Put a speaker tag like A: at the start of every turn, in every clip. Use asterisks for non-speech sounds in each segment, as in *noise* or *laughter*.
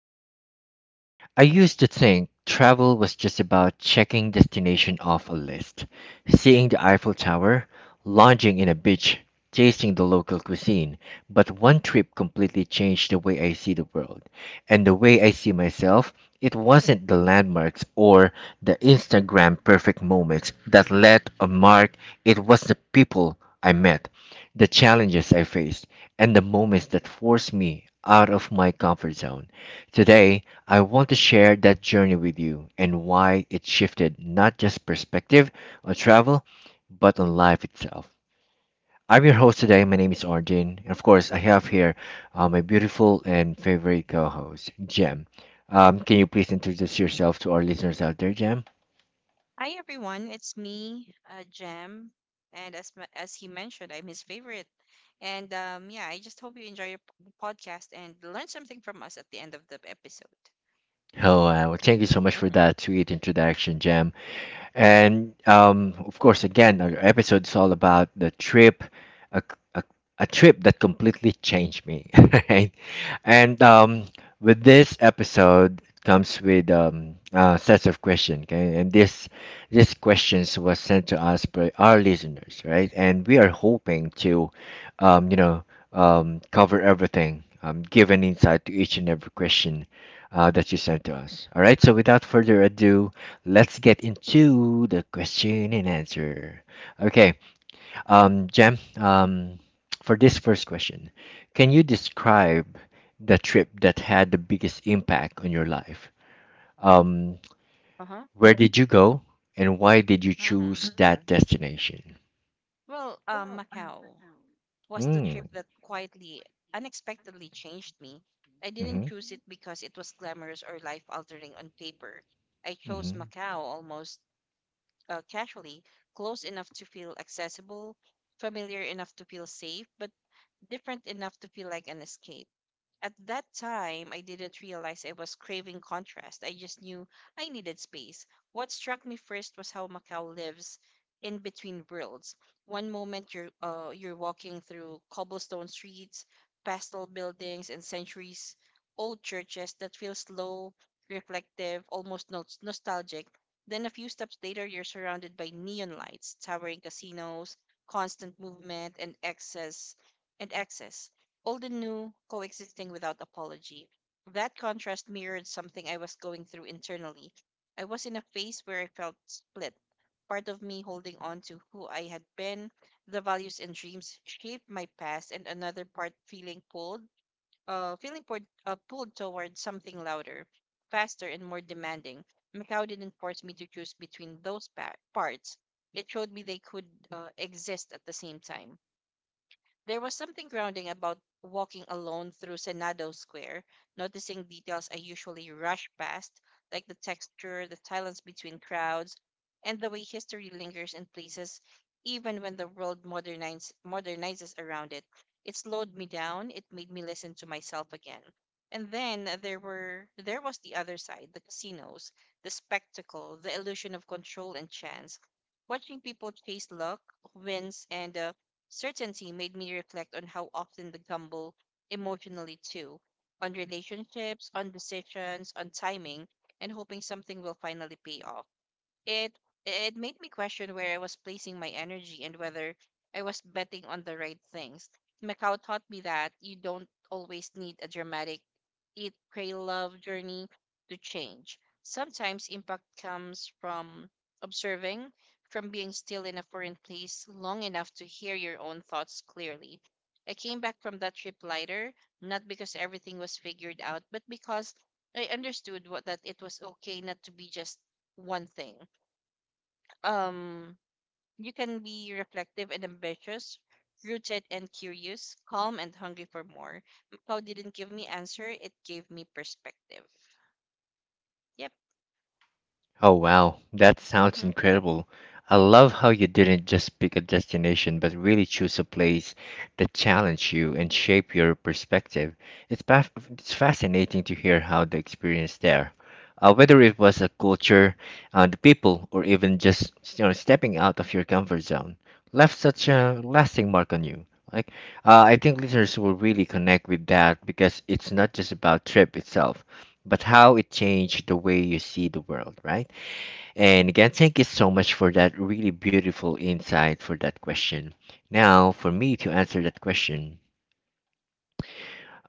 A: changed me. I used to think travel was just about checking destination off a list, seeing the Eiffel Tower, lounging in a beach, tasting the local cuisine, but one trip completely changed the way I see the world and the way I see myself. It wasn't the landmarks or the Instagram perfect moments that left a mark, it was the people I met, the challenges I faced, and the moments that forced me out of my comfort zone. Today, I want to share that journey with you and why it shifted not just perspective on travel, but on life itself. I'm your host today. My name is Arjun. And of course, I have here my beautiful and favorite co host, Jem. Can you please introduce yourself to our listeners out there, Jem?
B: Hi everyone, it's me, Jem, and as he mentioned, I'm his favorite. And yeah, I just hope you enjoy your podcast and learn something from us at the end of the episode.
A: Oh, well, thank you so much for
B: Mm-hmm.
A: that sweet introduction, Jam. And of course, again, our episode is all about the trip, a, a, a trip that completely changed me, *laughs* right? And with this episode comes with sets of questions, okay? And this these questions was sent to us by our listeners, right? And we are hoping to, um, you know, cover everything, give an insight to each and every question that you sent to us. All right, so without further ado, let's get into the question and answer. Okay, Jem, for this first question, can you describe the trip that had the biggest impact on your life? Um,
B: Uh-huh.
A: where did you go and why did you
B: Mm-hmm.
A: choose that destination?
B: Macau was the trip
A: Mm.
B: that quietly, unexpectedly changed me. I didn't
A: Mm-hmm.
B: choose it because it was glamorous or life-altering on paper. I chose
A: Mm-hmm.
B: Macau almost casually, close enough to feel accessible, familiar enough to feel safe, but different enough to feel like an escape. At that time, I didn't realize I was craving contrast. I just knew I needed space. What struck me first was how Macau lives in between worlds. One moment you're walking through cobblestone streets, pastel buildings, and centuries old churches that feel slow, reflective, almost nostalgic. Then a few steps later, you're surrounded by neon lights, towering casinos, constant movement, and excess, old and new coexisting without apology. That contrast mirrored something I was going through internally. I was in a phase where I felt split. Part of me holding on to who I had been, the values and dreams shaped my past, and another part feeling pulled toward something louder, faster, and more demanding. Macau didn't force me to choose between those parts. It showed me they could exist at the same time. There was something grounding about walking alone through Senado Square, noticing details I usually rush past, like the texture, the silence between crowds, and the way history lingers in places even when the world modernizes around it. It slowed me down. It made me listen to myself again. And then there was the other side, the casinos, the spectacle, the illusion of control and chance, watching people chase luck, wins, and certainty, made me reflect on how often we gamble emotionally too, on relationships, on decisions, on timing, and hoping something will finally pay off. It it made me question where I was placing my energy and whether I was betting on the right things. Macau taught me that you don't always need a dramatic Eat, Pray, Love journey to change. Sometimes impact comes from observing, from being still in a foreign place long enough to hear your own thoughts clearly. I came back from that trip lighter, not because everything was figured out, but because I understood that it was okay not to be just one thing. um you can be reflective and ambitious, rooted and curious, calm and hungry for more. Macau didn't give me answer, it gave me perspective. Yep.
A: Oh wow, that sounds
B: Mm-hmm,
A: incredible. I love how you didn't just pick a destination, but really choose a place that challenged you and shape your perspective. It's fascinating to hear how the experience there, whether it was a culture, the people, or even just you know stepping out of your comfort zone, left such a lasting mark on you. Like, I think listeners will really connect with that because it's not just about trip itself, but how it changed the way you see the world, right? And again, thank you so much for that really beautiful insight for that question. Now, for me to answer that question,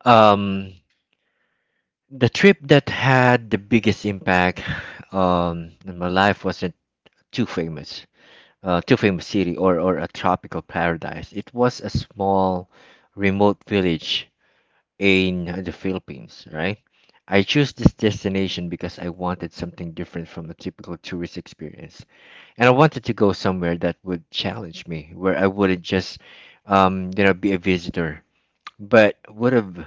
A: um, the trip that had the biggest impact in my life wasn't too famous, too famous city or a tropical paradise. It was a small, remote village in the Philippines, right? I chose this destination because I wanted something different from a typical tourist experience. And I wanted to go somewhere that would challenge me, where I wouldn't just, be a visitor, but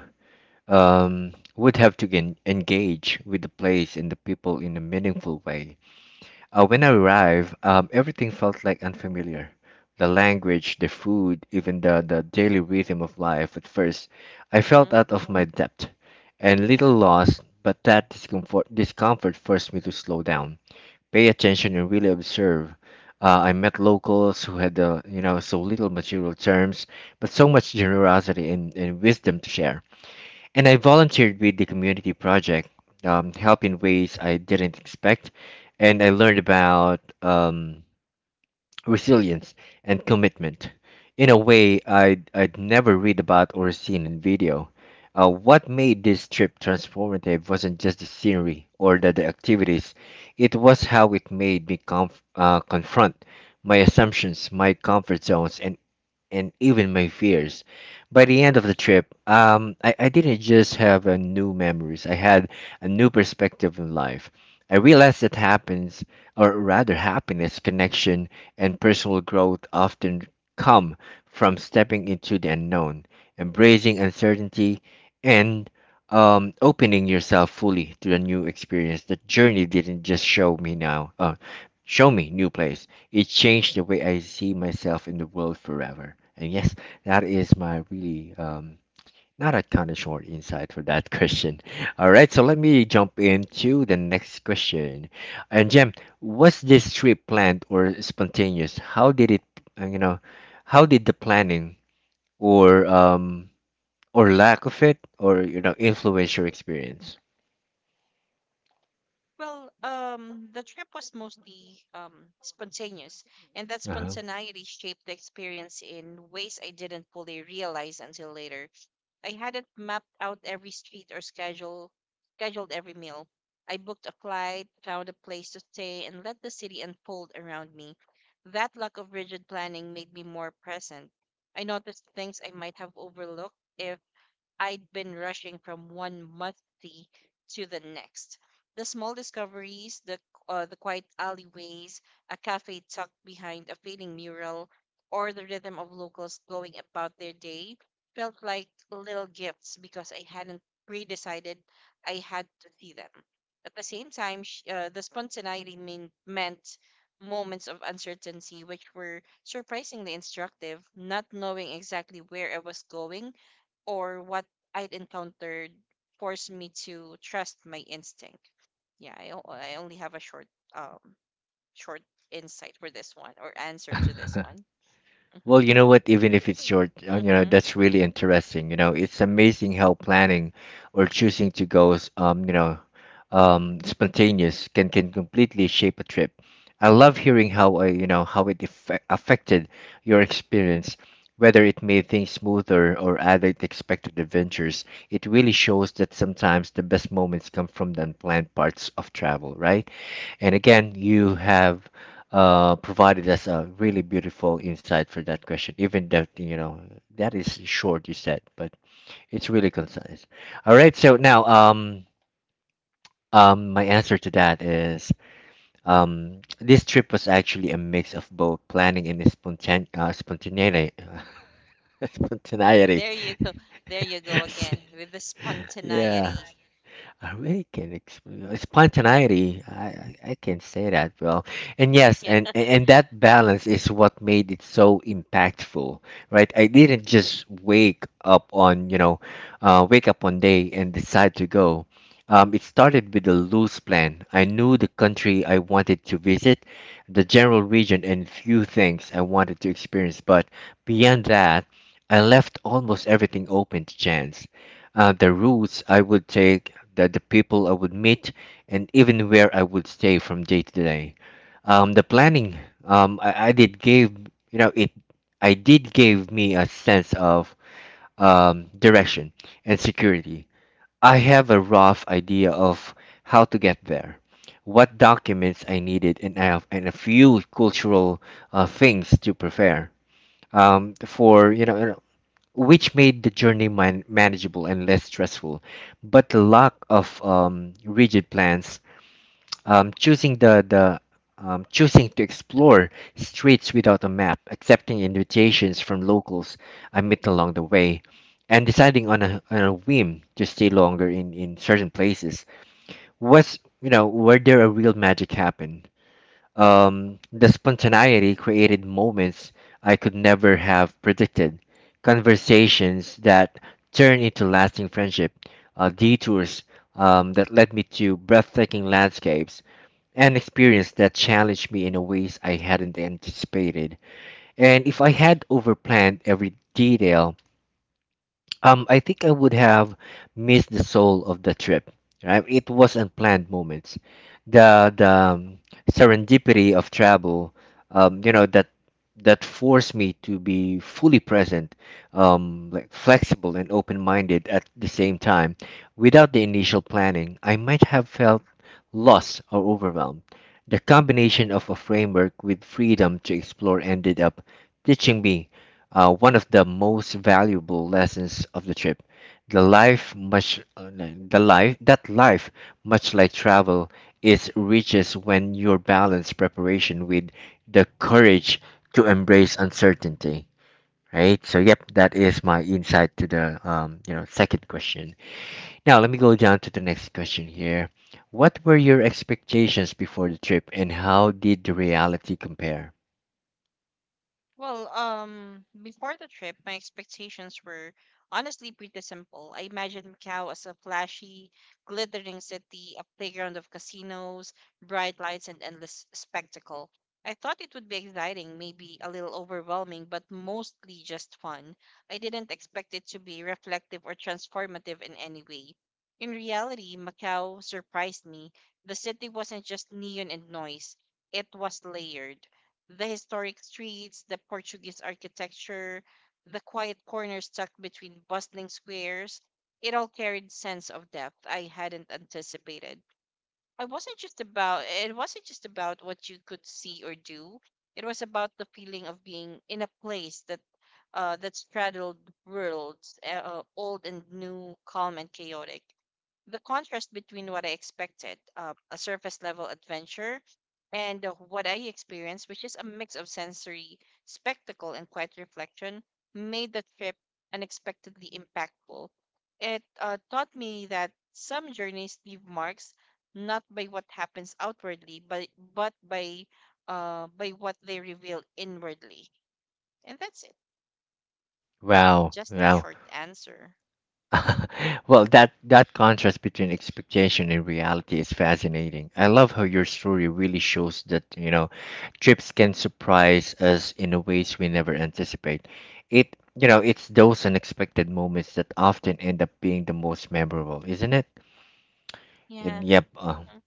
A: would have to engage with the place and the people in a meaningful way. When I arrived, everything felt like unfamiliar. The language, the food, even the daily rhythm of life. At first, I felt
B: mm-hmm.
A: out of my depth and little lost, but that discomfort forced me to slow down pay attention and really observe. I met locals who had, so little material terms, but so much generosity and wisdom to share. And I volunteered with the community project, help in ways I didn't expect, and I learned about resilience, and commitment in a way I'd never read about or seen in video. What made this trip transformative wasn't just the scenery or the activities, it was how it made me confront my assumptions, my comfort zones, and even my fears. By the end of the trip, I didn't just have a new memories. I had a new perspective in life. I realized that happiness, connection, and personal growth often come from stepping into the unknown, embracing uncertainty, and opening yourself fully to a new experience. That journey didn't just show me show me new place. It changed the way I see myself in the world forever. And yes, that is my really not a kind of short insight for that *laughs* question. All right, so let me jump into the next question. And Jem, was this trip planned or spontaneous? How did it, you know, how did the planning or um or lack of it or you know influence your experience?
B: The trip was mostly spontaneous, and that
A: Uh-huh.
B: spontaneity shaped the experience in ways I didn't fully realize until later. I hadn't mapped out every street or scheduled every meal. I booked a flight, found a place to stay, and let the city unfold around me. That lack of rigid planning made me more present. I noticed things I might have overlooked if I'd been rushing from one monthly to the next. The small discoveries, the quiet alleyways, a cafe tucked behind a fading mural, or the rhythm of locals going about their day felt like little gifts because I hadn't pre-decided I had to see them. At the same time, the meant moments of uncertainty, which were surprisingly instructive. Not knowing exactly where I was going or what I'd encountered forced me to trust my instinct. Yeah, I only have a short um short insight for this one, or answer to this
A: *laughs*
B: one. Hmm.
A: Well, you know what? Even if it's short, you know
B: Hmm.
A: that's really interesting. You know, it's amazing how planning or choosing to go, spontaneous can completely shape a trip. I love hearing how you know how it affected your experience, whether it made things smoother or added expected adventures. It really shows that sometimes the best moments come from the unplanned parts of travel, right? And again, you have provided us a really beautiful insight for that question, even that, you know, that is short, you said, but it's really concise. All right, so now my answer to that is this trip was actually a mix of both planning and spontaneity. *laughs* spontaneity.
B: There you go. There you go again with the
A: *laughs* yeah.
B: spontaneity.
A: I really can explain spontaneity. I can say that well, and yes,
B: Yeah.
A: and and that balance is what made it so impactful, right? I didn't just wake up on you know, wake up one day and decide to go. It started with a loose plan. I knew the country I wanted to visit, the general region, and few things I wanted to experience. But beyond that, I left almost everything open to chance the routes I would take, the people I would meet, and even where I would stay from day to day. Um, the planning, I did give you know it, I did give me a sense of direction and security. I have a rough idea of how to get there, what documents I needed, and I have and a few cultural things to prepare for you know which made the journey manageable and less stressful. But the lack of rigid plans, choosing the choosing to explore streets without a map, accepting invitations from locals I met along the way, and deciding on on a whim to stay longer in certain places was you know where there a real magic happened the spontaneity created moments I could never have predicted, conversations that turned into lasting friendship, detours that led me to breathtaking landscapes, and experience that challenged me in a ways I hadn't anticipated. And if I had overplanned every detail, I think I would have missed the soul of the trip. Right? It was unplanned moments, the serendipity of travel. That that forced me to be fully present, like flexible and open-minded at the same time. Without the initial planning, I might have felt lost or overwhelmed. The combination of a framework with freedom to explore ended up teaching me one of the most valuable lessons of the trip. The life much the life that life much like travel is riches when you balance preparation with the courage to embrace uncertainty. Right. So yep, that is my insight to the second question. Now let me go down to the next question here. What were your expectations before the trip, and how did the reality compare?
B: Before the trip, my expectations were honestly pretty simple. I imagined Macau as a flashy, glittering city, a playground of casinos, bright lights, and endless spectacle. I thought it would be exciting, maybe a little overwhelming, but mostly just fun. I didn't expect it to be reflective or transformative in any way. In reality, Macau surprised me. The city wasn't just neon and noise, it was layered, the historic streets, the Portuguese architecture, the quiet corners tucked between bustling squares. It all carried sense of depth I hadn't anticipated. I wasn't just about it wasn't just about what you could see or do. It was about the feeling of being in a place that straddled worlds, old and new, calm and chaotic. The contrast between what I expected, a surface level adventure, and what I experienced, which is a mix of sensory spectacle and quiet reflection, made the trip unexpectedly impactful. It taught me that some journeys leave marks not by what happens outwardly, but by what they reveal inwardly. And that's it.
A: Wow,
B: Just a
A: wow.
B: short answer.
A: *laughs* well, that that contrast between expectation and reality is fascinating. I love how your story really shows that you know, trips can surprise us in a ways we never anticipate. It you know, it's those unexpected moments that often end up being the most memorable, isn't it?
B: Yeah.
A: And yep.
B: Mm-hmm.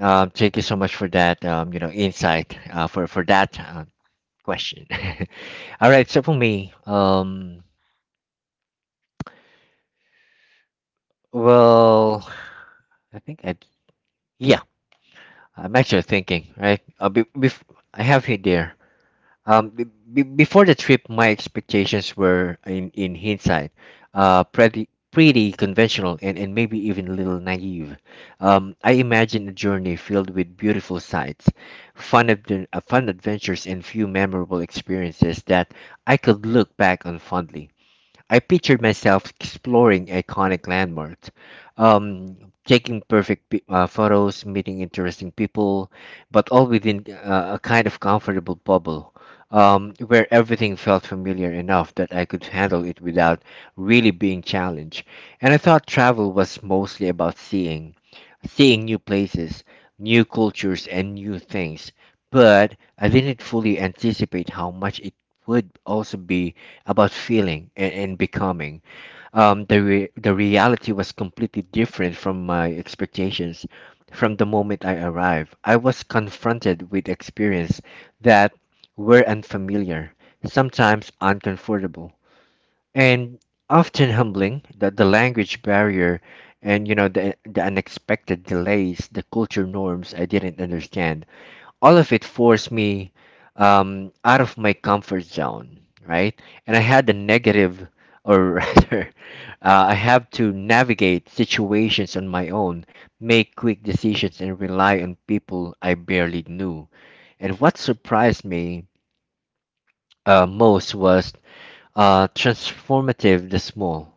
A: Thank you so much for that. You know, insight. For that question. *laughs* All right. So for me, well, I think I yeah. I'm actually thinking, right? I have it there. Um, be, before the trip, my expectations were, in hindsight, pretty conventional and maybe even a little naive. I imagined a journey filled with beautiful sights, fun adventures, and few memorable experiences that I could look back on fondly. I pictured myself exploring iconic landmarks, photos, meeting interesting people, but all within a kind of comfortable bubble where everything felt familiar enough that I could handle it without really being challenged. And I thought travel was mostly about seeing, seeing new places, new cultures, and new things. But I didn't fully anticipate how much it would also be about feeling and becoming. The reality was completely different from my expectations. From the moment I arrived, I was confronted with experience that were unfamiliar, sometimes uncomfortable, and often humbling. That the language barrier, and the unexpected delays, the culture norms I didn't understand all of it forced me out of my comfort zone, right? And I had the negative, or *laughs* rather, I have to navigate situations on my own, make quick decisions, and rely on people I barely knew. And what surprised me most was transformative the small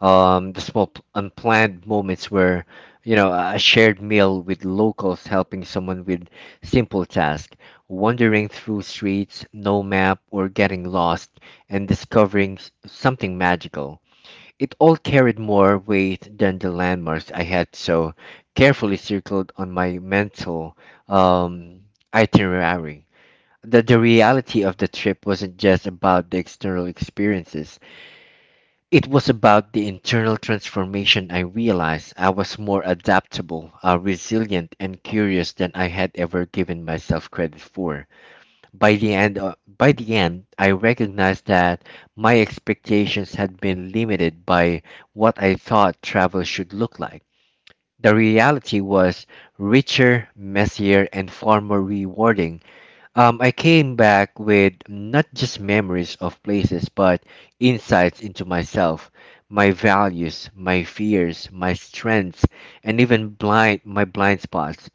A: unplanned moments where a shared meal with locals helping someone with simple task wandering through streets no map or getting lost and discovering something magical it all carried more weight than the landmarks I had so carefully circled on my mental um, itinerary. That the reality of the trip wasn't just about the external experiences, it was about the internal transformation. I realized I was more adaptable, resilient, and curious than I had ever given myself credit for. By the end, I recognized that my expectations had been limited by what I thought travel should look like. The reality was richer, messier, and far more rewarding. I came back with not just memories of places, but insights into myself, my values, my fears, my strengths, and even blind my blind spots.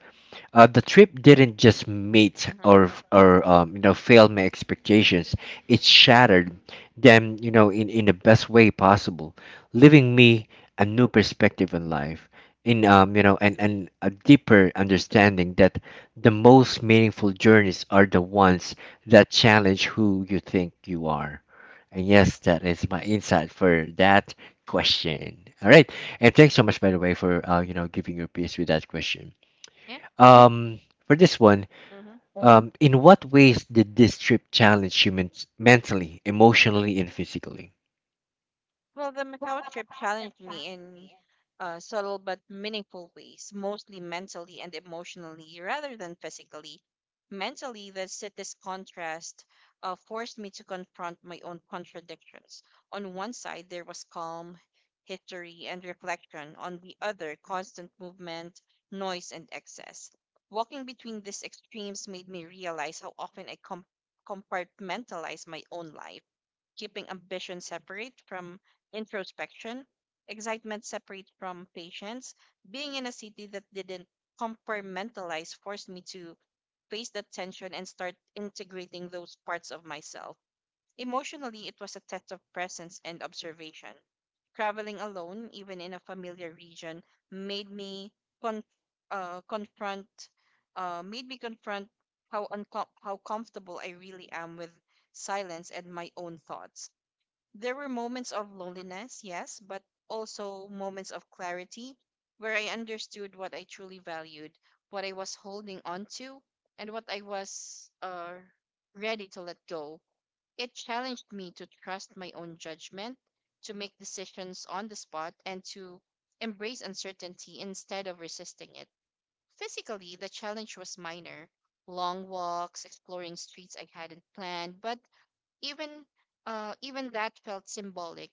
A: The trip didn't just meet
B: Mm-hmm.
A: or fail my expectations. It shattered them, you know, in the best way possible, leaving me a new perspective in life, in you know, and a deeper understanding that the most meaningful journeys are the ones that challenge who you think you are. And yes, that is my insight for that question. All right, and thanks so much, by the way, for giving your piece with that question.
B: Yeah.
A: Um, for this one,
B: Mm-hmm.
A: in what ways did this trip challenge you mentally, emotionally, and physically?
B: Well, the Macau trip challenged me in subtle but meaningful ways, mostly mentally and emotionally rather than physically. Mentally, the city's contrast forced me to confront my own contradictions. On one side, there was calm, history, and reflection. On the other, constant movement, noise, and excess. Walking between these extremes made me realize how often I compartmentalize my own life, keeping ambition separate from introspection, excitement separate from patience. Being in a city that didn't compartmentalize forced me to face that tension and start integrating those parts of myself. Emotionally, it was a test of presence and observation. Traveling alone, even in a familiar region, made me con- confront made me confront how how comfortable I really am with silence and my own thoughts. There were moments of loneliness, yes, but also moments of clarity where I understood what I truly valued, what I was holding on to, and what I was ready to let go. It challenged me to trust my own judgment, to make decisions on the spot, and to embrace uncertainty instead of resisting it. Physically, the challenge was minor, long walks, exploring streets I hadn't planned, but even even that felt symbolic.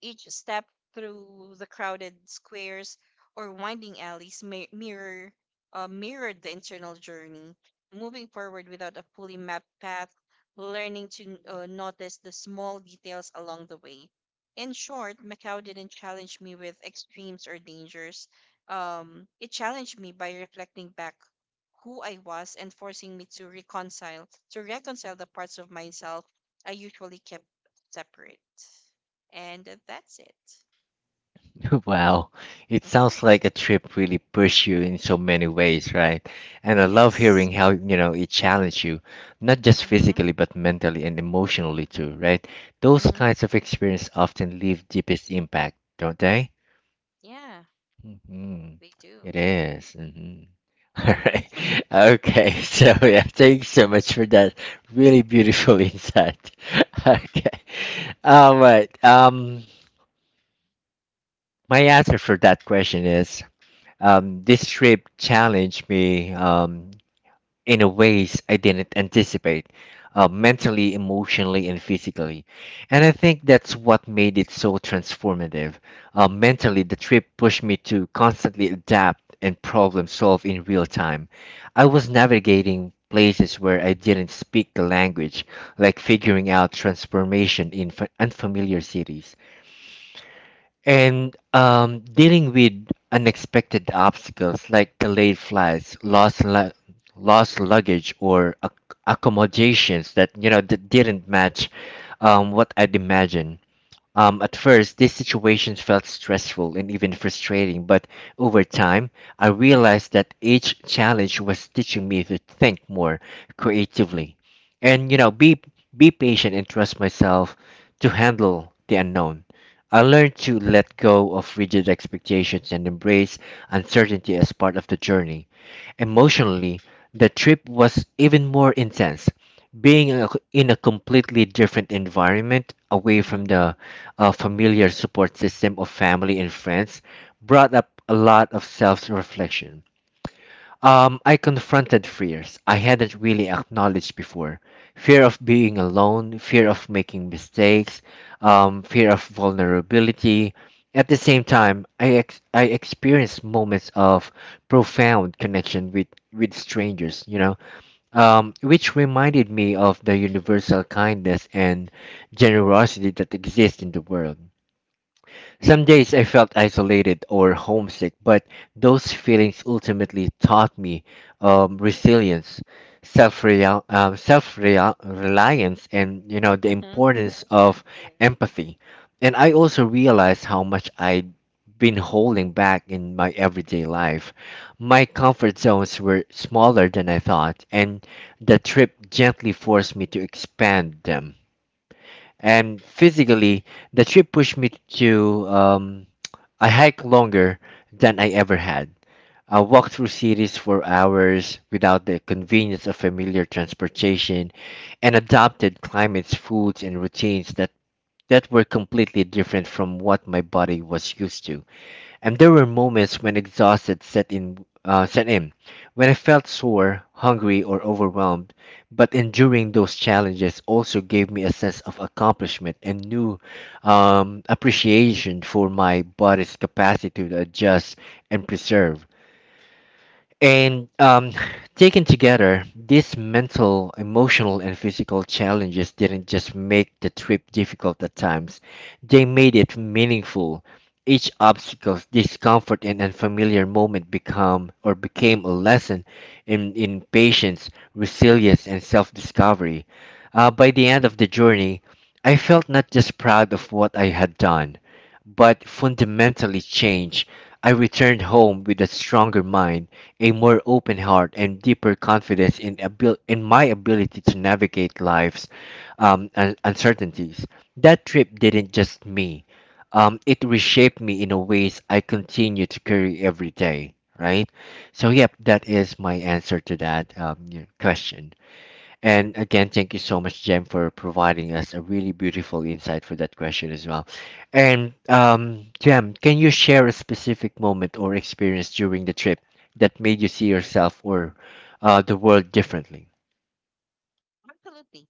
B: Each step through the crowded squares or winding alleys mirrored the internal journey, moving forward without a fully mapped path, learning to notice the small details along the way. In short, Macau didn't challenge me with extremes or dangers. It challenged me by reflecting back who I was and forcing me to reconcile the parts of myself I usually kept separate. And that's it.
A: *laughs* Wow, it
B: Hmm.
A: sounds like a trip really pushed you in so many ways, right? And I love
B: Yes.
A: hearing how, you know, it challenged you, not just
B: Mm-hmm.
A: physically, but mentally and emotionally too, right? Those
B: Mm-hmm.
A: kinds of experience often leave deepest impact, don't they?
B: Yeah,
A: Mm-hmm.
B: they do.
A: It is. Mm-hmm. *laughs* All right.
B: Mm-hmm.
A: Okay. *laughs* So yeah, thanks so much for that really beautiful *laughs* insight. Okay. All right. My answer for that question is this trip challenged me. In ways I didn't anticipate, mentally, emotionally, and physically. And I think that's what made it so transformative. Mentally, the trip pushed me to constantly adapt and problem solve in real time. I was navigating places where I didn't speak the language, like figuring out transformation in unfamiliar cities and dealing with unexpected obstacles like delayed flights, lost luggage, or accommodations that that didn't match what I'd imagined. At first, these situations felt stressful and even frustrating, but over time, I realized that each challenge was teaching me to think more creatively and, you know, be patient and trust myself to handle the unknown. I learned to let go of rigid expectations and embrace uncertainty as part of the journey. Emotionally, the trip was even more intense. Being in a completely different environment, away
B: Mm-hmm.
A: from the familiar support system of family and friends, brought up a lot of self reflection. I confronted fears I hadn't really acknowledged before. Fear of being alone, fear of making mistakes, fear of vulnerability. At the same time, I experienced moments of profound connection with strangers, which reminded me of the universal kindness and generosity that exists in the world. Some days I felt isolated or homesick, but those feelings ultimately taught me resilience, self reliance, and the
B: Mm-hmm.
A: importance
B: Yeah,
A: of empathy. And I also realized how much I'd been holding back in my everyday life. My comfort zones were smaller than I thought, and the trip gently forced me to expand them. And physically, the trip pushed me to I hiked longer than I ever had. I walked through cities for hours without the convenience of familiar transportation and adopted climates, foods, and routines that were completely different from what my body was used to, and there were moments when exhausted set in, when I felt sore, hungry, or overwhelmed. But enduring those challenges also gave me a sense of accomplishment and new appreciation for my body's capacity to adjust and preserve. And *sighs* taken together, these mental, emotional, and physical challenges didn't just make the trip difficult at times, they made it meaningful. Each obstacle, discomfort, and unfamiliar moment become or became a lesson in patience, resilience, and self-discovery. By the end of the journey, I felt not just proud of what I had done, but fundamentally changed. I returned home with a stronger mind, a more open heart, and deeper confidence in my ability to navigate life's uncertainties. That trip didn't just me; it reshaped me in a ways I continue to carry every day. Right? So, yep, that is my answer to that your question. And again, thank you so much, Jem, for providing us a really beautiful insight for that question as well. And Jem, can you share a specific moment or experience during the trip that made you see yourself or the world differently?
B: absolutely.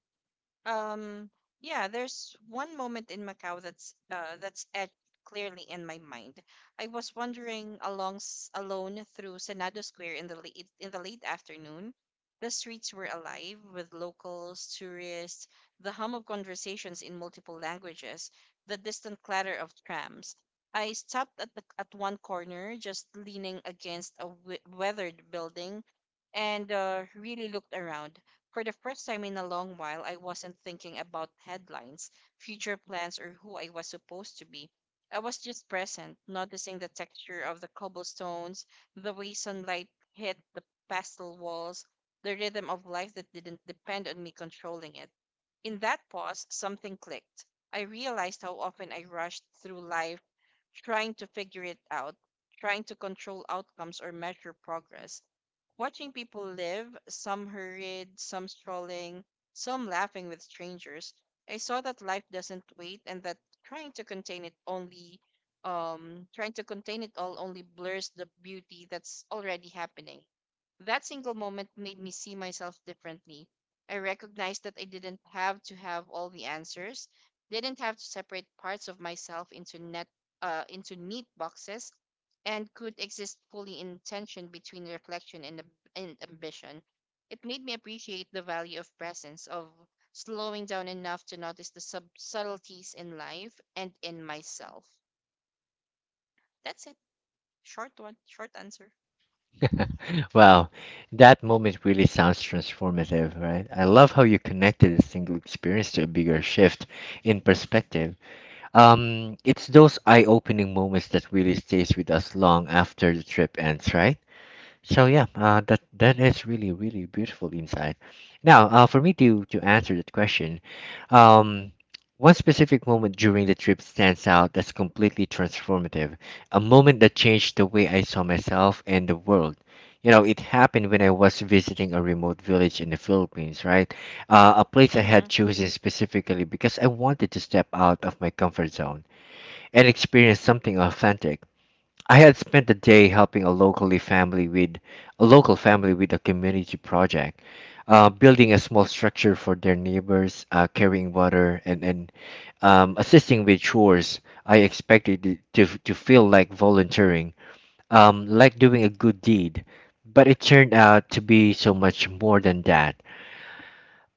B: Um, yeah, there's one moment in Macau that's etched clearly in my mind. I was wandering alone through Senado Square in the late afternoon. The streets were alive with locals, tourists, the hum of conversations in multiple languages, the distant clatter of trams. I stopped at at one corner, just leaning against a weathered building, and really looked around. For the first time in a long while, I wasn't thinking about headlines, future plans, or who I was supposed to be. I was just present, noticing the texture of the cobblestones, the way sunlight hit the pastel walls, the rhythm of life that didn't depend on me controlling it. In that pause, something clicked. I realized how often I rushed through life trying to figure it out, trying to control outcomes or measure progress. Watching people live, some hurried, some strolling, some laughing with strangers, I saw that life doesn't wait, and that trying to contain it only trying to contain it all only blurs the beauty that's already happening. That single moment made me see myself differently. I recognized that I didn't have to have all the answers, didn't have to separate parts of myself into net into neat boxes, and could exist fully in tension between reflection and ambition. It made me appreciate the value of presence, of slowing down enough to notice the subtleties in life and in myself. That's it. Short one, short answer.
A: *laughs* Wow, that moment really sounds transformative, right? I love how you connected a single experience to a bigger shift in perspective. It's those eye-opening moments that really stays with us long after the trip ends, right? So yeah, that is really really beautiful insight. Now, for me to answer that question, um, one specific moment during the trip stands out that's completely transformative, a moment that changed the way I saw myself and the world. You know, it happened when I was visiting a remote village in the Philippines, right? A place I had
B: Mm-hmm.
A: chosen specifically because I wanted to step out of my comfort zone and experience something authentic. I had spent the day helping a locally family with a local family with a community project, building a small structure for their neighbors, carrying water and assisting with chores. I expected it to feel like volunteering, like doing a good deed, but it turned out to be so much more than that.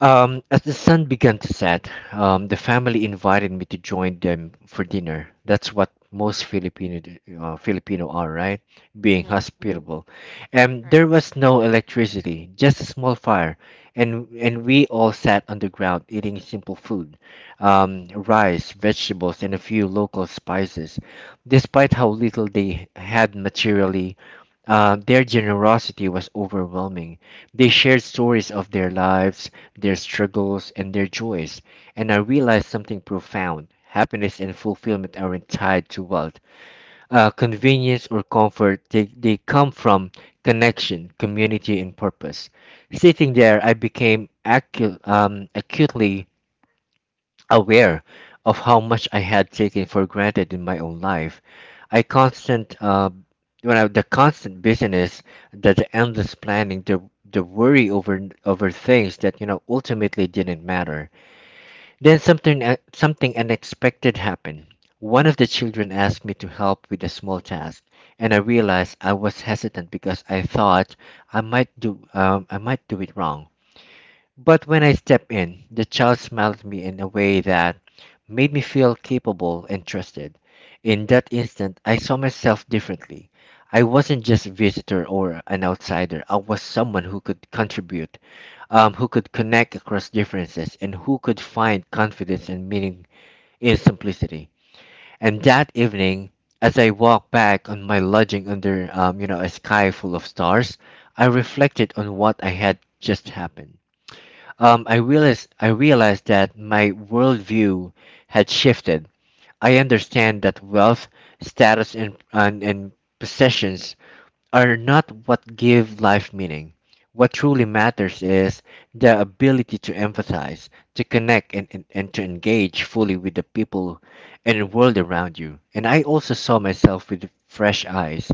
A: As the sun began to set, the family invited me to join them for dinner. That's what most Filipino are, right? Being
B: Mm-hmm.
A: hospitable. And there
B: Right.
A: was no electricity, just a small fire, and we all sat on the ground eating simple food, rice, vegetables, and a few local spices. Despite how little they had materially, their generosity was overwhelming. They shared stories of their lives, their struggles, and their joys. And I realized something profound. Happiness and fulfillment aren't tied to wealth, convenience, or comfort. They come from connection, community, and purpose. Sitting there, I became acutely aware of how much I had taken for granted in my own life, I constant when I, the constant busyness, the endless planning, the worry over things that ultimately didn't matter. Then something unexpected happened. One of the children asked me to help with a small task, and I realized I was hesitant because I thought I might do it wrong. But when I stepped in, the child smiled at me in a way that made me feel capable and trusted. In that instant, I saw myself differently. I wasn't just a visitor or an outsider. I was someone who could contribute, who could connect across differences, and who could find confidence and meaning in simplicity. And that evening, as I walked back on my lodging under, a sky full of stars, I reflected on what I had just happened. I realized that my worldview had shifted. I understand that wealth, status, and possessions are not what give life meaning. What truly matters is the ability to empathize, to connect, and to engage fully with the people and world around you. And I also saw myself with fresh eyes,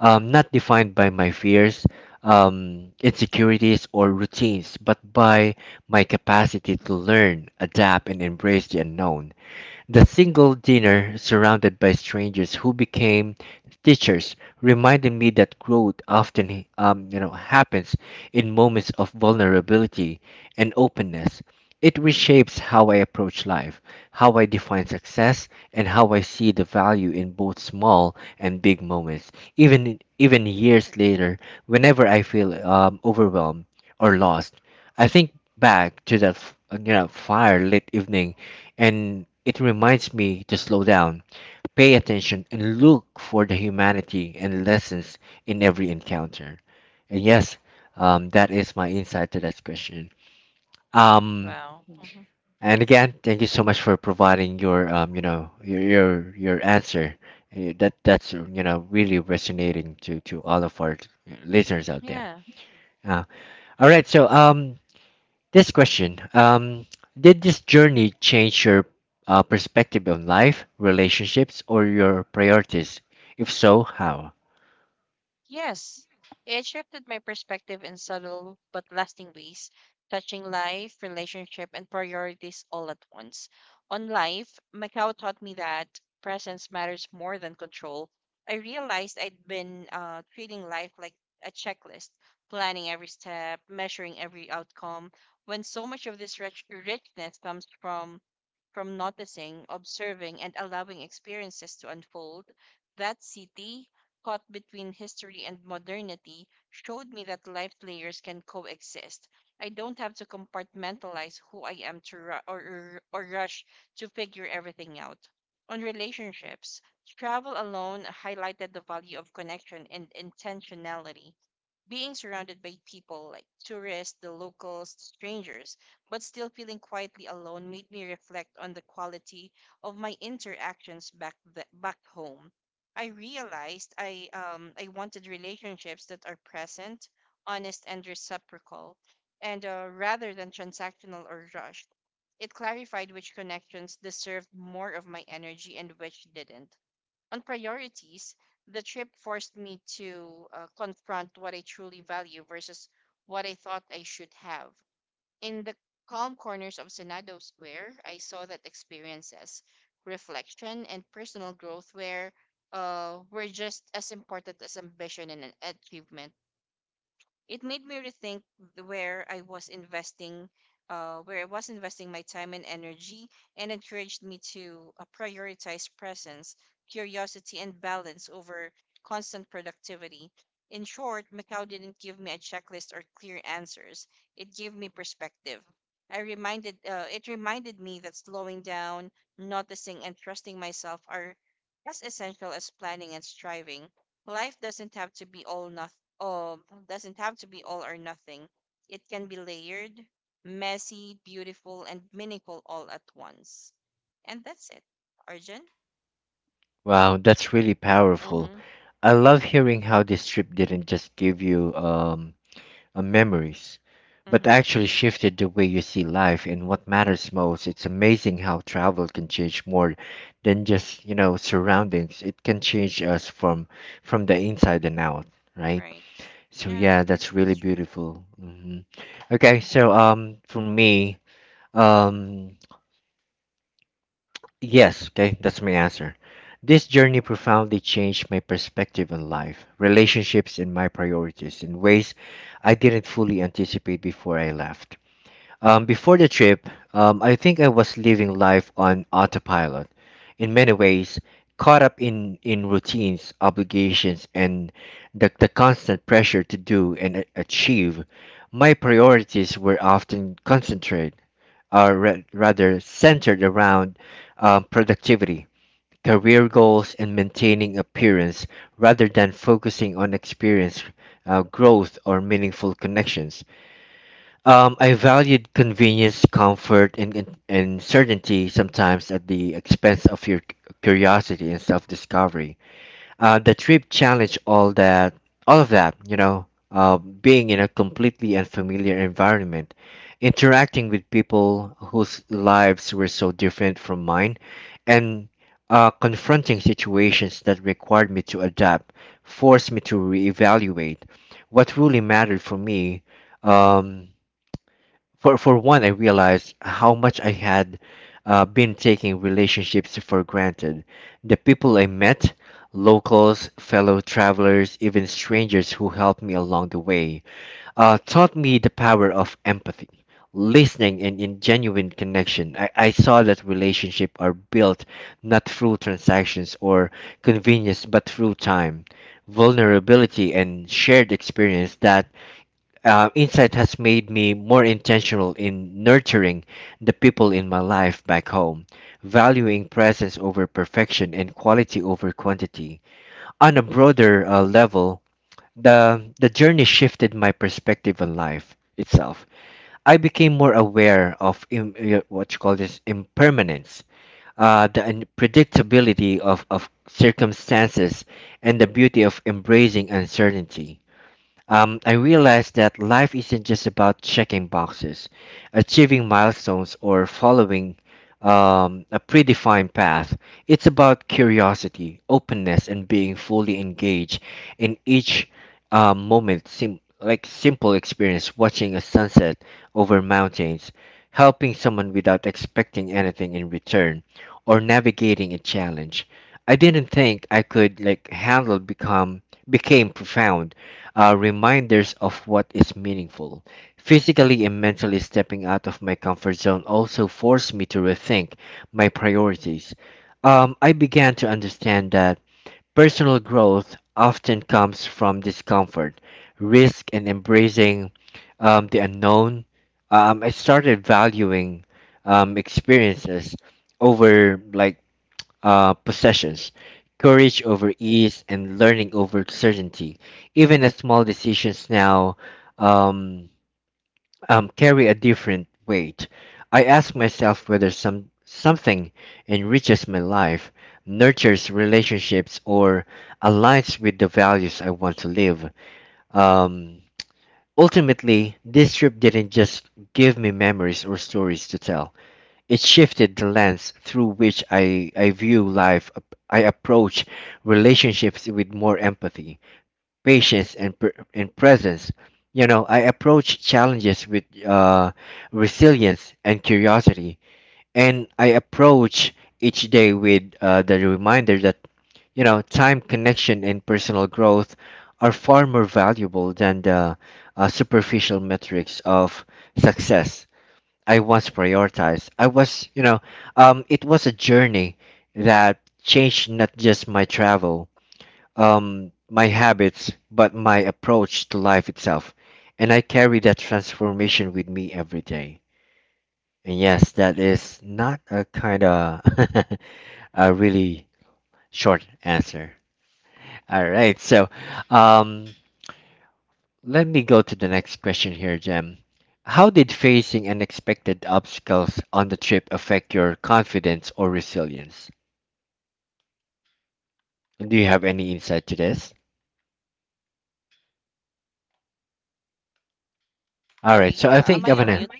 A: not defined by my fears, insecurities, or routines, but by my capacity to learn, adapt, and embrace the unknown. The single dinner, surrounded by strangers who became teachers, reminded me that growth often happens in moments of vulnerability and openness. It reshapes how I approach life, how I define success, and how I see the value in both small and big moments. Even years later, whenever I feel overwhelmed or lost, I think back to that fire lit evening, and it reminds me to slow down, pay attention, and look for the humanity and lessons in every encounter. And yes, that is my insight to that question. Um,
B: Wow. Mhm.
A: and again, thank you so much for providing your answer. That's really resonating to all of our listeners out there.
B: Yeah.
A: Uh, all right, so this question, did this journey change your perspective on life, relationships, or your priorities? If so, how?
B: Yes, it shifted my perspective in subtle but lasting ways, touching life, relationship, and priorities all at once. On life, Macau taught me that presence matters more than control. I realized I'd been treating life like a checklist, planning every step, measuring every outcome, when so much of this richness comes from noticing, observing, and allowing experiences to unfold. That city caught between history and modernity showed me that life layers can coexist. I don't have to compartmentalize who I am to ru- or rush to figure everything out. On relationships, travel alone highlighted the value of connection and intentionality. Being surrounded by people like tourists, the locals, strangers, but still feeling quietly alone made me reflect on the quality of my interactions back home. I realized I wanted relationships that are present, honest and reciprocal, and rather than transactional or rushed. It clarified which connections deserved more of my energy and which didn't. On priorities, the trip forced me to confront what I truly value versus what I thought I should have. In the calm corners of Senado Square, I saw that experiences, reflection, and personal growth were were just as important as ambition and an achievement. It made me rethink where I was investing, where I was investing my time and energy, and encouraged me to prioritize presence, curiosity, and balance over constant productivity. In short, Macau didn't give me a checklist or clear answers. It gave me perspective. It reminded me that slowing down, noticing, and trusting myself are as essential as planning and striving. Life doesn't have to be all noth um doesn't have to be all or nothing. It can be layered, messy, beautiful, and meaningful all at once. And that's it. Arjun?
A: Wow, that's really powerful.
B: Mm-hmm.
A: I love hearing how this trip didn't just give you memories, but
B: Mm-hmm.
A: actually shifted the way you see life and what matters most. It's amazing how travel can change more than just, you know, surroundings. It can change us from the inside and out, right?
B: Right.
A: So
B: Yeah,
A: yeah, that's really
B: that's true.
A: beautiful. Okay,
B: Mm-hmm.
A: so for me, um, yes, okay, that's my answer. This journey profoundly changed my perspective on life, relationships, and my priorities in ways I didn't fully anticipate before I left. Before the trip, I think I was living life on autopilot, in many ways, caught up in routines, obligations, and the constant pressure to do and achieve. My priorities were often concentrated, or rather centered around productivity, career goals, and maintaining appearance, rather than focusing on experience, growth, or meaningful connections. I valued convenience, comfort, and certainty, sometimes at the expense of your curiosity and self-discovery. The trip challenged all of that, you know. Being in a completely unfamiliar environment, interacting with people whose lives were so different from mine, and confronting situations that required me to adapt, forced me to reevaluate what really mattered for me. Um, for one, I realized how much I had been taking relationships for granted. The people I met, locals, fellow travelers, even strangers who helped me along the way, taught me the power of empathy, listening, and in genuine connection. I saw that relationships are built not through transactions or convenience, but through time, vulnerability, and shared experience. That insight has made me more intentional in nurturing the people in my life back home, valuing presence over perfection and quality over quantity. On a broader level, the journey shifted my perspective on life itself. I became more aware of what you call this, impermanence, the unpredictability of circumstances, and the beauty of embracing uncertainty. I realized that life isn't just about checking boxes, achieving milestones, or following a predefined path. It's about curiosity, openness, and being fully engaged in each moment. Like simple experience, watching a sunset over mountains, helping someone without expecting anything in return, or navigating a challenge I didn't think I could like handle, become became profound reminders of what is meaningful. Physically and mentally stepping out of my comfort zone also forced me to rethink my priorities. I began to understand that personal growth often comes from discomfort, risk, and embracing the unknown. I started valuing experiences over possessions, courage over ease, and learning over certainty. Even the small decisions now um, carry a different weight. I ask myself whether something enriches my life, nurtures relationships, or aligns with the values I want to live. Um, Ultimately, this trip didn't just give me memories or stories to tell. It shifted the lens through which I view life. I approach relationships with more empathy, patience, and presence. You know, I approach challenges with resilience and curiosity. And I approach each day with the reminder that, you know, time, connection, and personal growth are far more valuable than the superficial metrics of success I once prioritized. I was, you know, it was a journey that changed not just my travel, my habits, but my approach to life itself. And I carry that transformation with me every day. And yes, that is not a kind of *laughs* a really short answer. All right, so um, let me go to the next question here, Jem. How did facing unexpected obstacles on the trip affect your confidence or resilience? And do you have any insight to this? All right,
B: Sorry.
A: so I
B: Am
A: think
B: I
A: I'm
B: on
A: gonna.
B: mute?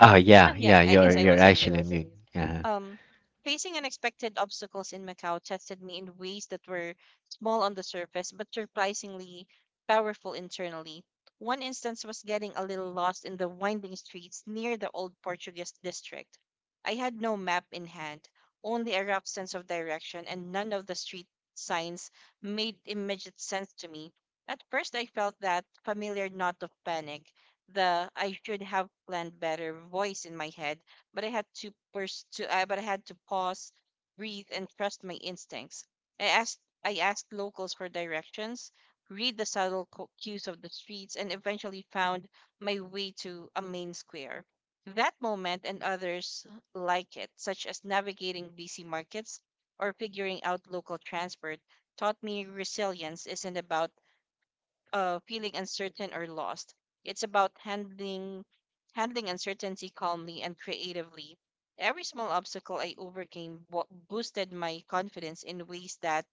A: Oh
B: *laughs*
A: yeah,
B: Yeah,
A: yeah,
B: I guess
A: you're
B: I
A: you're
B: was on mute.
A: actually. Yeah.
B: Um, facing unexpected obstacles in Macau tested me in ways that were small on the surface but surprisingly powerful internally. One instance was getting a little lost in the winding streets near the old Portuguese district. I had no map in hand, only a rough sense of direction, and none of the street signs made immediate sense to me. At first, I felt that familiar knot of panic, the I should have planned better voice in my head, but I had to pers- to I but I had to pause, breathe, and trust my instincts. I asked locals for directions, read the subtle cues of the streets, and eventually found my way to a main square. That moment and others like it, such as navigating busy markets or figuring out local transport, taught me resilience isn't about feeling uncertain or lost. It's about handling uncertainty calmly and creatively. Every small obstacle I overcame boosted my confidence in ways that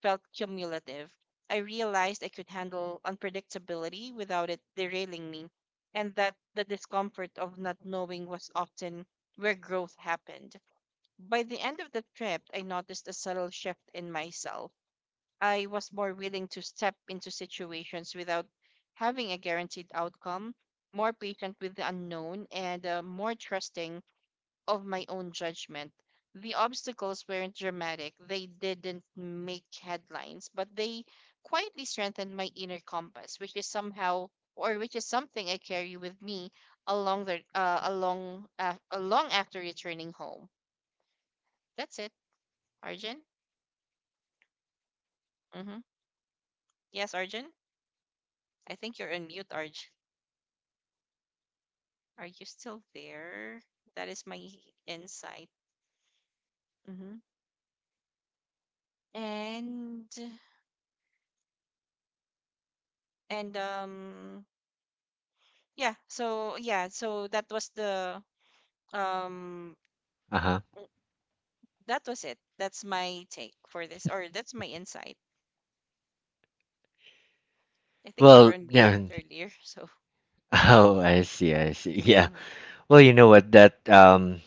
B: felt cumulative. I realized I could handle unpredictability without it derailing me, and that the discomfort of not knowing was often where growth happened. By the end of the trip, I noticed a subtle shift in myself. I was more willing to step into situations without having a guaranteed outcome, more patient with the unknown, and more trusting of my own judgment. The obstacles weren't dramatic, they didn't make headlines, but they quietly strengthened my inner compass, which is somehow, or which is something I carry with me along the along along after returning home. That's it, Arjun. Mm-hmm. Yes, Arjun. I think you're on mute, Arjun. Are you still there? That is my insight. Hmm. And and yeah, so that was the um
A: Uh-huh.
B: w- that was it. That's my take for this, or that's my insight. I think you were
A: Well,
B: on mute
A: yeah. *laughs*
B: earlier, *laughs* so.
A: Oh, I see, I see. *laughs* Yeah.
B: Mm-hmm.
A: Well, you know what? That um,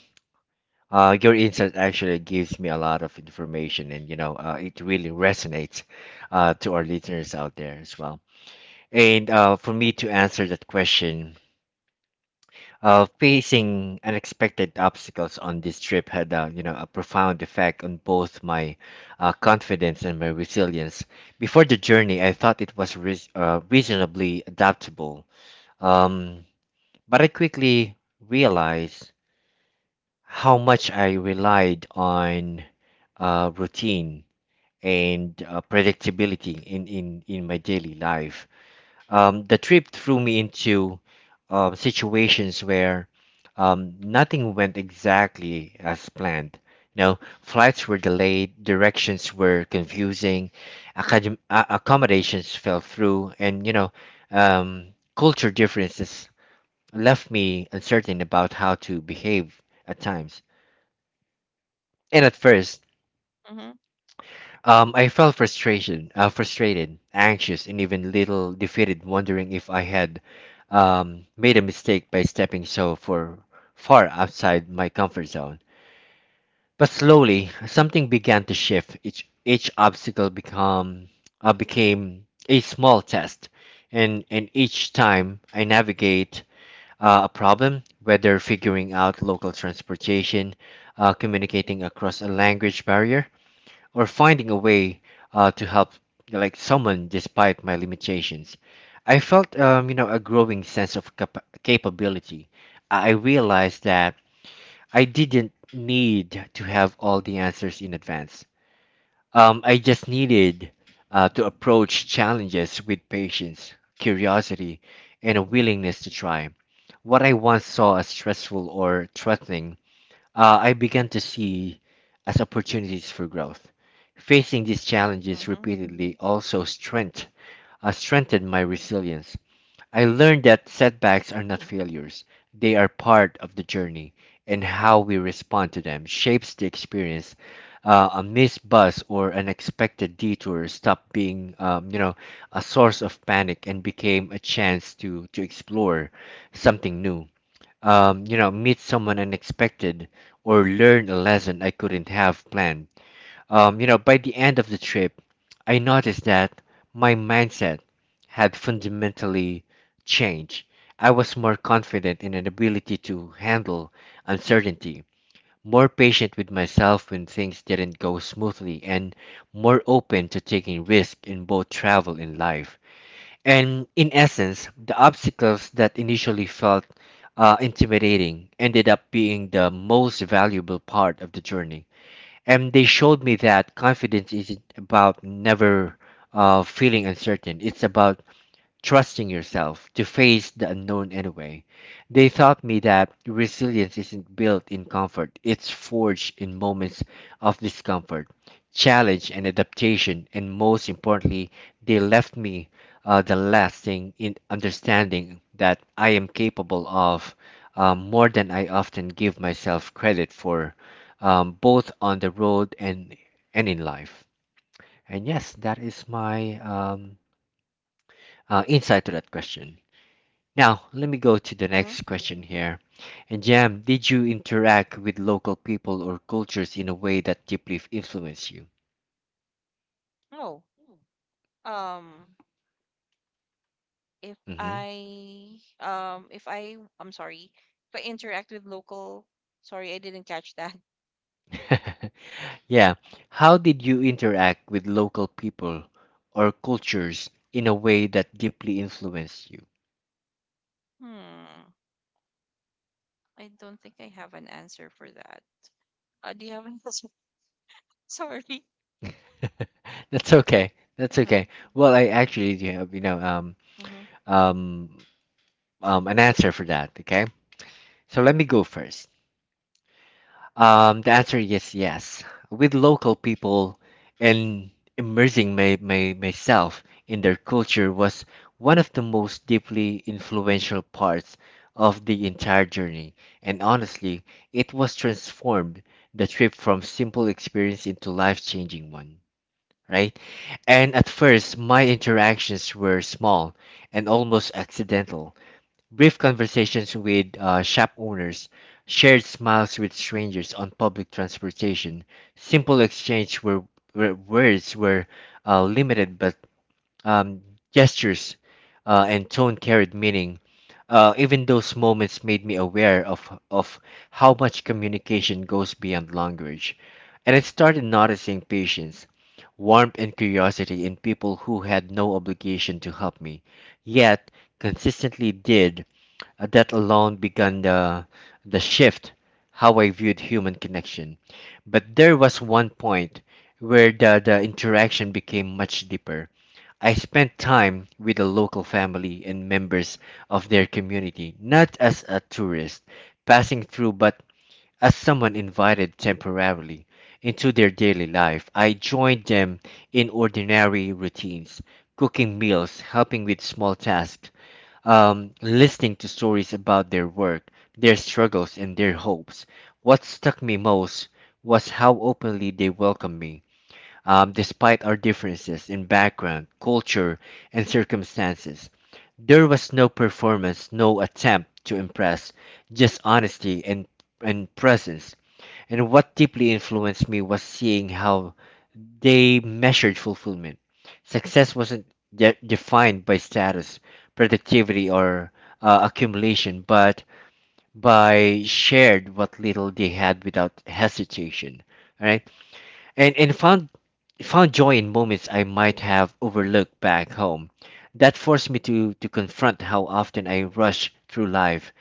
A: uh, your insight actually gives me a lot of information, and you know, it really resonates, to our listeners out there as well. And for me to answer that question, facing unexpected obstacles on this trip had you know a profound effect on both my confidence and my resilience. Before the journey, I thought it was reasonably adaptable, um, but I quickly realized how much I relied on routine and predictability in my daily life. The trip threw me into situations where nothing went exactly as planned. You know, flights were delayed, directions were confusing, accommodations fell through, and you know, um, culture differences left me uncertain about how to behave at times. And at first,
B: Mm-hmm.
A: I felt frustrated, anxious, and even little defeated, wondering if I had made a mistake by stepping far outside my comfort zone. But slowly, something began to shift. Each obstacle became a small test, and each time I navigate a problem, whether figuring out local transportation, communicating across a language barrier, or finding a way to help like someone despite my limitations, I felt you know a growing sense of capability. I realized that I didn't need to have all the answers in advance. I just needed to approach challenges with patience, curiosity, and a willingness to try. What I once saw as stressful or threatening, I began to see as opportunities for growth. Facing these challenges
B: Mm-hmm.
A: repeatedly also strengthened my resilience. I learned that setbacks are not failures, they are part of the journey, and how we respond to them shapes the experience. A missed bus or unexpected detour stopped being, you know, a source of panic and became a chance to explore something new, you know, meet someone unexpected, or learn a lesson I couldn't have planned. You know, by the end of the trip, I noticed that my mindset had fundamentally changed. I was more confident in an ability to handle uncertainty, more patient with myself when things didn't go smoothly, and more open to taking risk in both travel and life. And in essence, the obstacles that initially felt intimidating ended up being the most valuable part of the journey. And they showed me that confidence isn't about never feeling uncertain, it's about trusting yourself to face the unknown anyway. They taught me that resilience isn't built in comfort, it's forged in moments of discomfort, challenge, and adaptation. And most importantly, they left me the lasting in understanding that I am capable of more than I often give myself credit for, both on the road and in life. And yes, that is my insight to that question. Now, let me go to the
B: Mm-hmm.
A: next question here. And Jam, did you interact with local people or cultures in a way that deeply influenced you?
B: Oh, um,
A: hmm
B: if I, I'm sorry, if I interact with local, sorry, I didn't catch that.
A: *laughs* yeah. How did you interact with local people or cultures in a way that deeply influenced you?
B: Hmm. I don't think I have an answer for that. Do you have an answer? *laughs* Sorry.
A: *laughs* That's okay. That's
B: Uh-huh.
A: okay. Well, I actually do have, you know,
B: Uh-huh.
A: um, an answer for that. Okay. So let me go first. The answer is yes. With local people and immersing myself in their culture was one of the most deeply influential parts of the entire journey. And honestly, it was transformed the trip from simple experience into life-changing one, right? And at first, my interactions were small and almost accidental. Brief conversations with shop owners, shared smiles with strangers on public transportation, simple exchange where words were limited but um, gestures and tone carried meaning. Even those moments made me aware of how much communication goes beyond language. And I started noticing patience, warmth, and curiosity in people who had no obligation to help me, yet consistently did. That alone began the shift how I viewed human connection. But there was one point where the interaction became much deeper. I spent time with the local family and members of their community, not as a tourist passing through, but as someone invited temporarily into their daily life. I joined them in ordinary routines, cooking meals, helping with small tasks, listening to stories about their work, their struggles, and their hopes. What struck me most was how openly they welcomed me, despite our differences in background, culture, and circumstances. There was no performance, no attempt to impress, just honesty and presence. And what deeply influenced me was seeing how they measured fulfillment. Success wasn't defined by status, productivity, or accumulation, but by shared what little they had without hesitation. All right, and found joy in moments I might have overlooked back home. That forced me to confront how often I rush through life,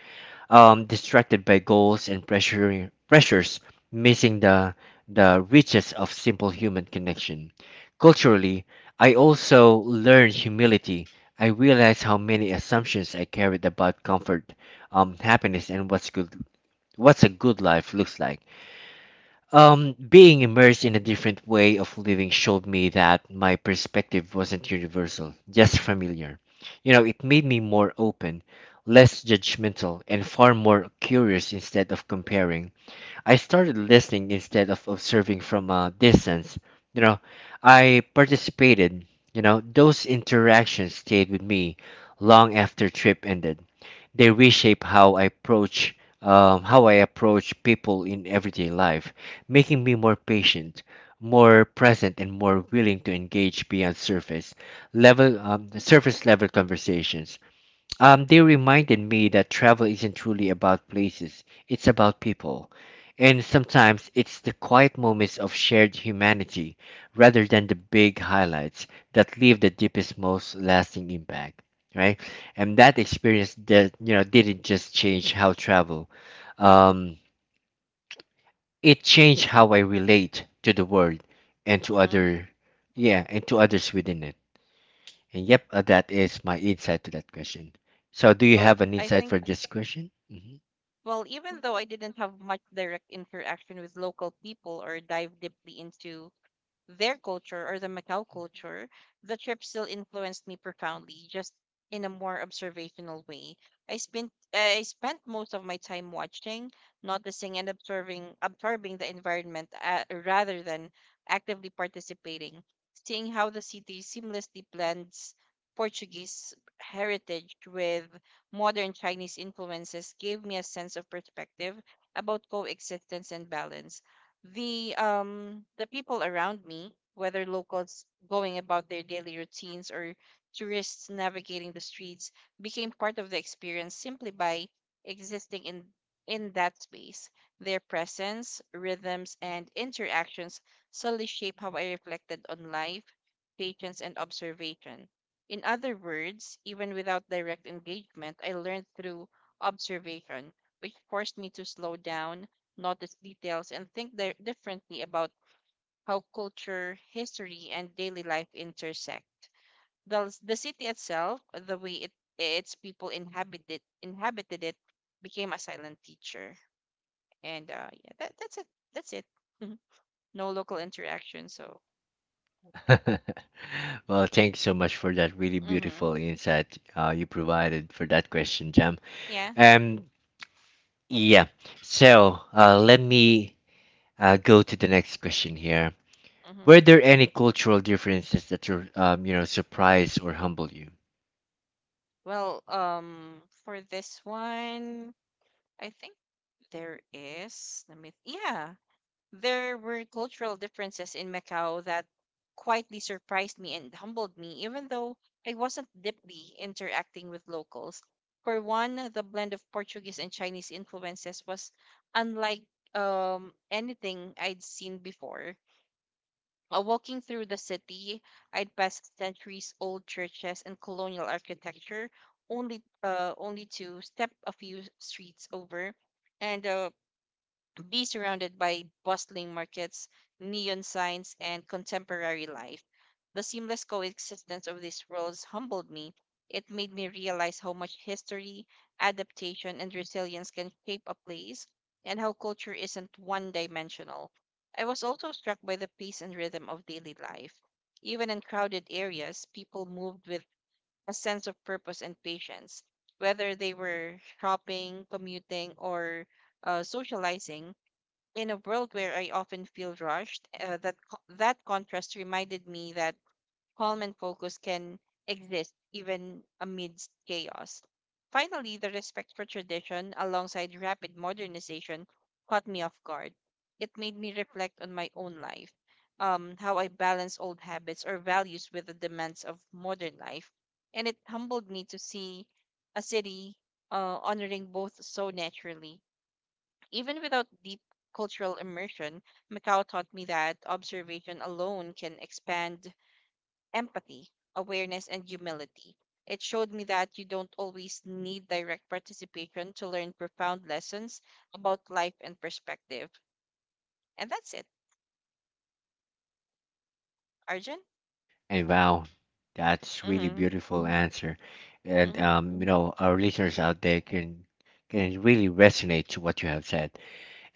A: distracted by goals and pressures, missing the riches of simple human connection. Culturally, I also learned humility. I realized how many assumptions I carried about comfort, happiness, and what's good, what's a good life looks like. Being immersed in a different way of living showed me that my perspective wasn't universal, just familiar. You know, it made me more open, less judgmental, and far more curious instead of comparing. I started listening instead of observing from a distance. You know, I participated. You know, those interactions stayed with me long after trip ended. They reshape how I approach, people in everyday life, making me more patient, more present, and more willing to engage beyond surface level conversations. They reminded me that travel isn't truly about places, it's about people. And sometimes it's the quiet moments of shared humanity rather than the big highlights that leave the deepest, most lasting impact, right? And that experience that, you know, didn't just change how travel, um, it changed how I relate to the world and to
B: Uh-huh.
A: yeah, and to others within it. And yep, that is my insight to that question. So, do you
B: So
A: have an
B: I
A: insight
B: think,
A: for this question? Hmm.
B: well, even though I didn't have much direct interaction with local people or dive deeply into their culture or the Macau culture, the trip still influenced me profoundly, just in a more observational way. I spent most of my time watching, noticing, and observing, absorbing the environment rather than actively participating. Seeing how the city seamlessly blends Portuguese heritage with modern Chinese influences gave me a sense of perspective about coexistence and balance. The people around me, whether locals going about their daily routines or tourists navigating the streets, became part of the experience simply by existing in that space. Their presence, rhythms, and interactions solely shape how I reflected on life, patience, and observation. In other words, even without direct engagement, I learned through observation, which forced me to slow down, notice details, and think differently about how culture, history, and daily life intersect. The city itself, the way it, its people inhabited it, became a silent teacher. And yeah, that's it. That's it. Mhm. No local interaction. So,
A: *laughs* Well, thank you so much for that really
B: mm-hmm,
A: beautiful insight you provided for that question, Jam.
B: yeah.
A: Um, yeah. So, let me go to the next question here.
B: Mm-hmm.
A: Were there any cultural differences that, you know, surprised or humbled you?
B: Well, for this one, I think there is. Let me. Yeah, there were cultural differences in Macau that quietly surprised me and humbled me, even though I wasn't deeply interacting with locals. For one, the blend of Portuguese and Chinese influences was unlike anything I'd seen before. Walking through the city, I'd pass centuries old churches and colonial architecture, only to step a few streets over. And be surrounded by bustling markets, neon signs, and contemporary life. The seamless coexistence of these worlds humbled me. It made me realize how much history, adaptation, and resilience can shape a place, and how culture isn't one dimensional. I was also struck by the pace and rhythm of daily life. Even in crowded areas, people moved with a sense of purpose and patience, whether they were shopping, commuting, or socializing. In a world where I often feel rushed, that contrast reminded me that calm and focus can exist even amidst chaos. Finally, the respect for tradition alongside rapid modernization caught me off guard. It made me reflect on my own life, how I balance old habits or values with the demands of modern life, and it humbled me to see a city honoring both so naturally. Even without deep cultural immersion, Macau taught me that observation alone can expand empathy, awareness, and humility. It showed me that you don't always need direct participation to learn profound lessons about life and perspective. And that's it, Arjun.
A: And wow, that's really
B: Mm-hmm.
A: beautiful answer. And
B: Mm-hmm.
A: you know, our listeners out there can really resonate to what you have said.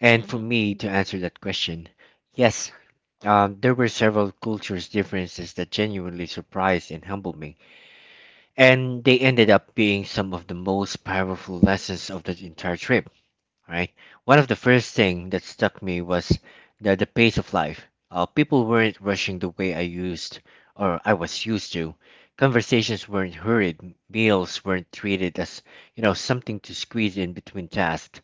A: And for
B: Mm-hmm.
A: me to answer that question, yes,
B: Mm-hmm.
A: there were several cultures differences that genuinely surprised and humbled me, and they ended up being some of the most powerful lessons of the entire trip. All right? One of the first thing that struck me was the pace of life. People weren't rushing the way I used or I was used to. Conversations weren't hurried. Meals weren't treated as, you know, something to squeeze in between tasks.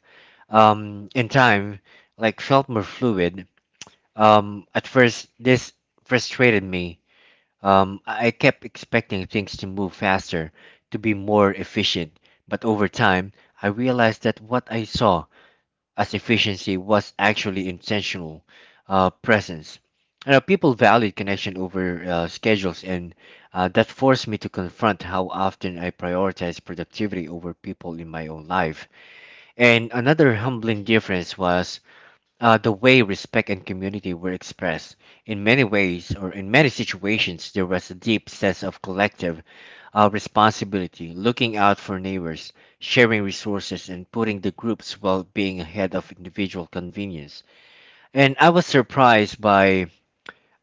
A: And time, like, felt more fluid. At first, this frustrated me. Um, I kept expecting things to move faster, to be more efficient. But over time, I realized that what I saw as efficiency was actually intentional presence. You know, people valued connection over schedules, and that forced me to confront how often I prioritize productivity over people in my own life. And another humbling difference was the way respect and community were expressed. In many ways, or in many situations, there was a deep sense of collective responsibility, looking out for neighbors, sharing resources, and putting the group's well being ahead of individual convenience. And I was surprised by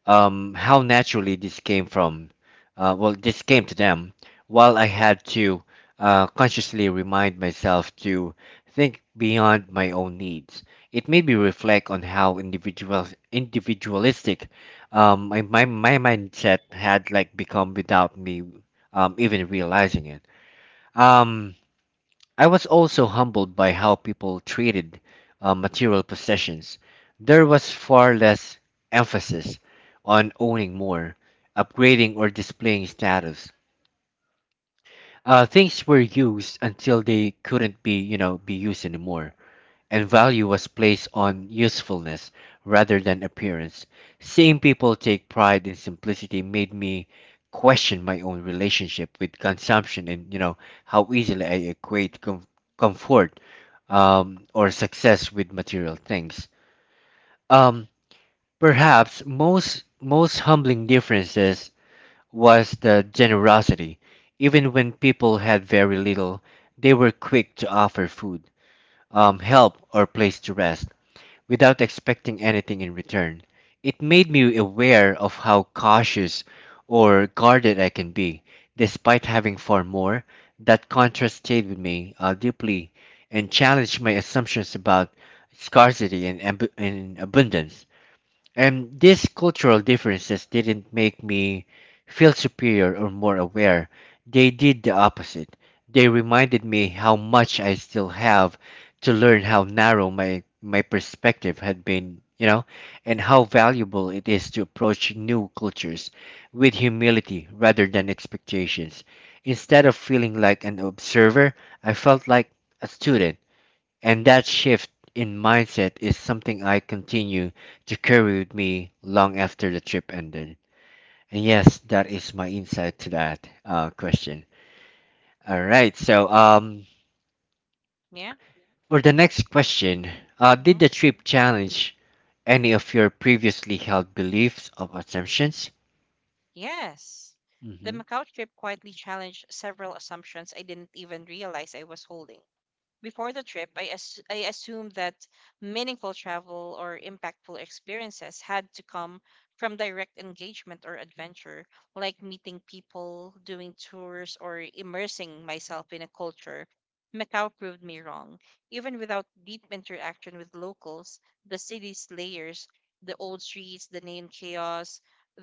A: how naturally this came to them, while I had to consciously remind myself to think beyond my own needs. It made me reflect on how individualistic my mindset had, like, become without me even realizing it. Um, I was also humbled by how people treated material possessions. There was far less emphasis on owning more, upgrading, or displaying status. Things were used until they couldn't be, you know, be used anymore, and value was placed on usefulness rather than appearance. Seeing people take pride in simplicity made me question my own relationship with consumption and, you know, how easily I equate comfort, or success with material things. Um, perhaps most humbling differences was the generosity. Even when people had very little, they were quick to offer food, help, or place to rest without expecting anything in return. It made me aware of how cautious or guarded I can be, despite having far more. That contrast stayed with me deeply and challenged my assumptions about scarcity and abundance. And these cultural differences didn't make me feel superior or more aware. They did the opposite. They reminded me how much I still have to learn, how narrow my perspective had been, you know, and how valuable it is to approach new cultures with humility rather than expectations. Instead of feeling like an observer, I felt like a student, and that shift in mindset is something I continue to carry with me long after the trip ended. And yes, that is my insight to that question. All right, so
B: Yeah.
A: for the next question, did
B: Mm-hmm.
A: the trip challenge any of your previously held beliefs or assumptions?
B: Yes. The Macau trip quietly challenged several assumptions I didn't even realize I was holding. Before the trip, I assumed that meaningful travel or impactful experiences had to come from direct engagement or adventure, like meeting people, doing tours, or immersing myself in a culture. Macau proved me wrong. Even without deep interaction with locals, the city's layers, the old streets, the neon chaos,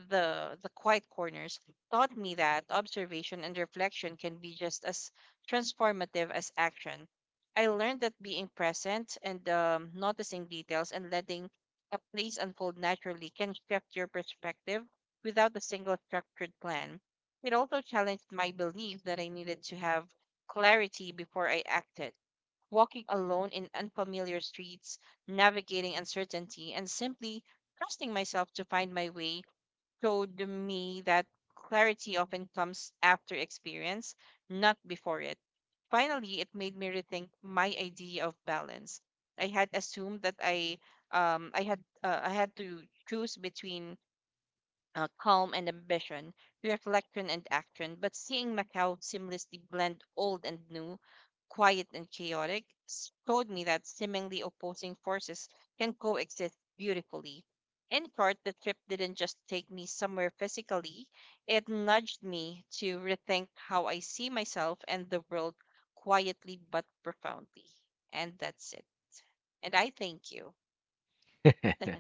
B: the quiet corners taught me that observation and reflection can be just as transformative as action. I learned that being present and noticing details and letting a place unfold naturally can shift your perspective without a single structured plan. It also challenged my belief that I needed to have clarity before I acted. Walking alone in unfamiliar streets, navigating uncertainty, and simply trusting myself to find my way showed me that clarity often comes after experience, not before it. Finally, it made me rethink my idea of balance. I had assumed that I had to choose between calm and ambition, reflection and action, but seeing Macau seamlessly blend old and new, quiet and chaotic, showed me that seemingly opposing forces can coexist beautifully. In short, the trip didn't just take me somewhere physically, it nudged me to rethink how I see myself and the world quietly but profoundly. And that's it. And I thank you.
A: Mm-hmm.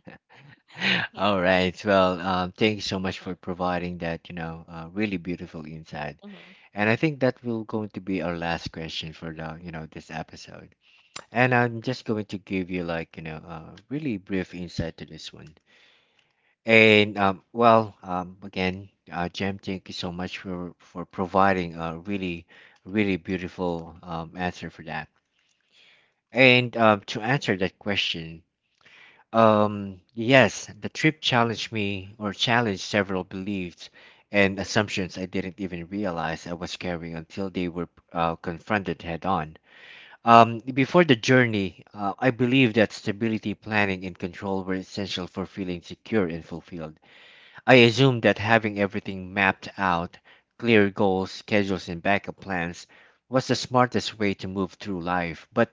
A: *laughs* *laughs* All
B: Yeah.
A: right. Well, thank you so much
B: Mm-hmm.
A: for providing that, you know, really beautiful insight.
B: Mm-hmm.
A: And I think that will going to be our last question for the, you know, this episode. And I'm just going to give you, like, you know, really brief insight to this one. And Jem, thank you so much for providing a really, really beautiful answer for that. And to answer that question, yes, the trip challenged me or challenged several beliefs and assumptions I didn't even realize I was carrying until they were confronted head on. Before the journey, I believed that stability, planning, and control were essential for feeling secure and fulfilled. I assumed that having everything mapped out, clear goals, schedules, and backup plans was the smartest way to move through life, but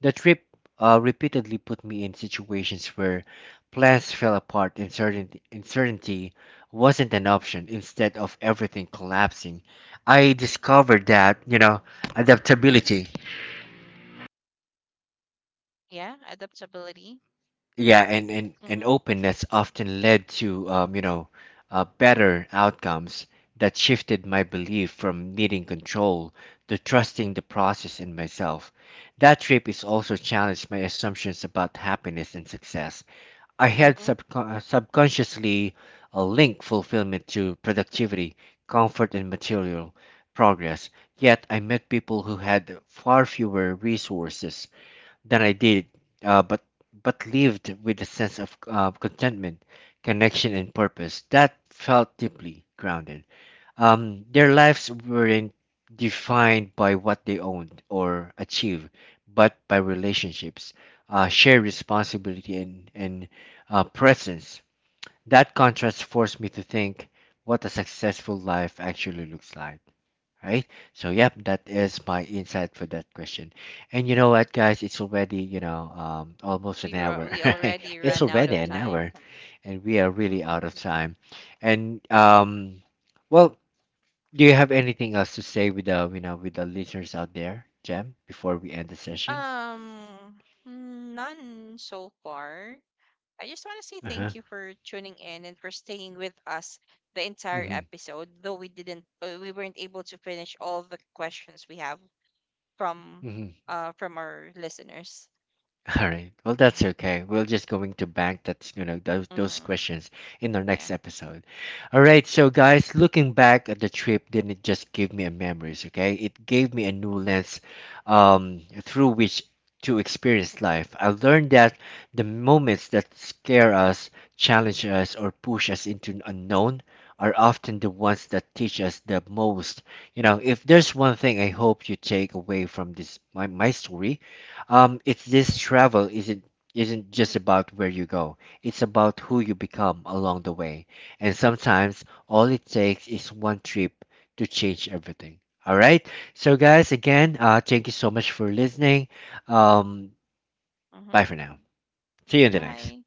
A: the trip repeatedly put me in situations where plans fell apart and certain uncertainty wasn't an option. Instead of everything collapsing, I discovered that, you know, adaptability,
B: Yeah. Adaptability.
A: yeah, and, and,
B: Mm-hmm.
A: and openness often led to, you know, better outcomes that shifted my belief from needing control to trusting the process and myself. That trip is also challenged my assumptions about happiness and success. I had
B: Mm-hmm.
A: subconsciously linked fulfillment to productivity, comfort, and material progress. Yet I met people who had far fewer resources than I did, uh, but but lived with a sense of contentment, connection, and purpose that felt deeply grounded. Their lives weren't defined by what they owned or achieved, but by relationships, shared responsibility, and presence. That contrast forced me to think what a successful life actually looks like, right? So, yep, that is my insight for that question. And you know what, guys? It's already, you know, almost an
B: We ru-
A: hour. *laughs*
B: we
A: Right?
B: already
A: It's
B: run out
A: already
B: of
A: an
B: time.
A: hour, and we are really
B: Mhm.
A: out of time. And, well, do you have anything else to say with the, you know, with the listeners out there, Jem, before we end the session?
B: None so far. I just want to say
A: Uh huh.
B: thank you for tuning in and for staying with us the entire
A: Mm-hmm.
B: episode. Though we weren't able to finish all the questions we have from, from our listeners.
A: *laughs* All right. Well,
B: *laughs*
A: that's
B: Yeah.
A: okay. We're just going to bank that's, you know, those
B: Mm-hmm.
A: questions in our next
B: Yeah.
A: episode. All right. So guys, looking back at the trip didn't just give me a memories. Okay, it gave me a new lens, through which to experience life. I learned that the moments that scare us, challenge us, or push us into the unknown are often the ones that teach us the most. You know, if there's one thing I hope you take away from this my story, it's this: travel isn't just about where you go. It's about who you become along the way. And sometimes all it takes is one trip to change everything. All right? So guys, again, thank you so much for listening. Um,
B: Mm-hmm.
A: Bye for now. See you in the next.
B: Bye.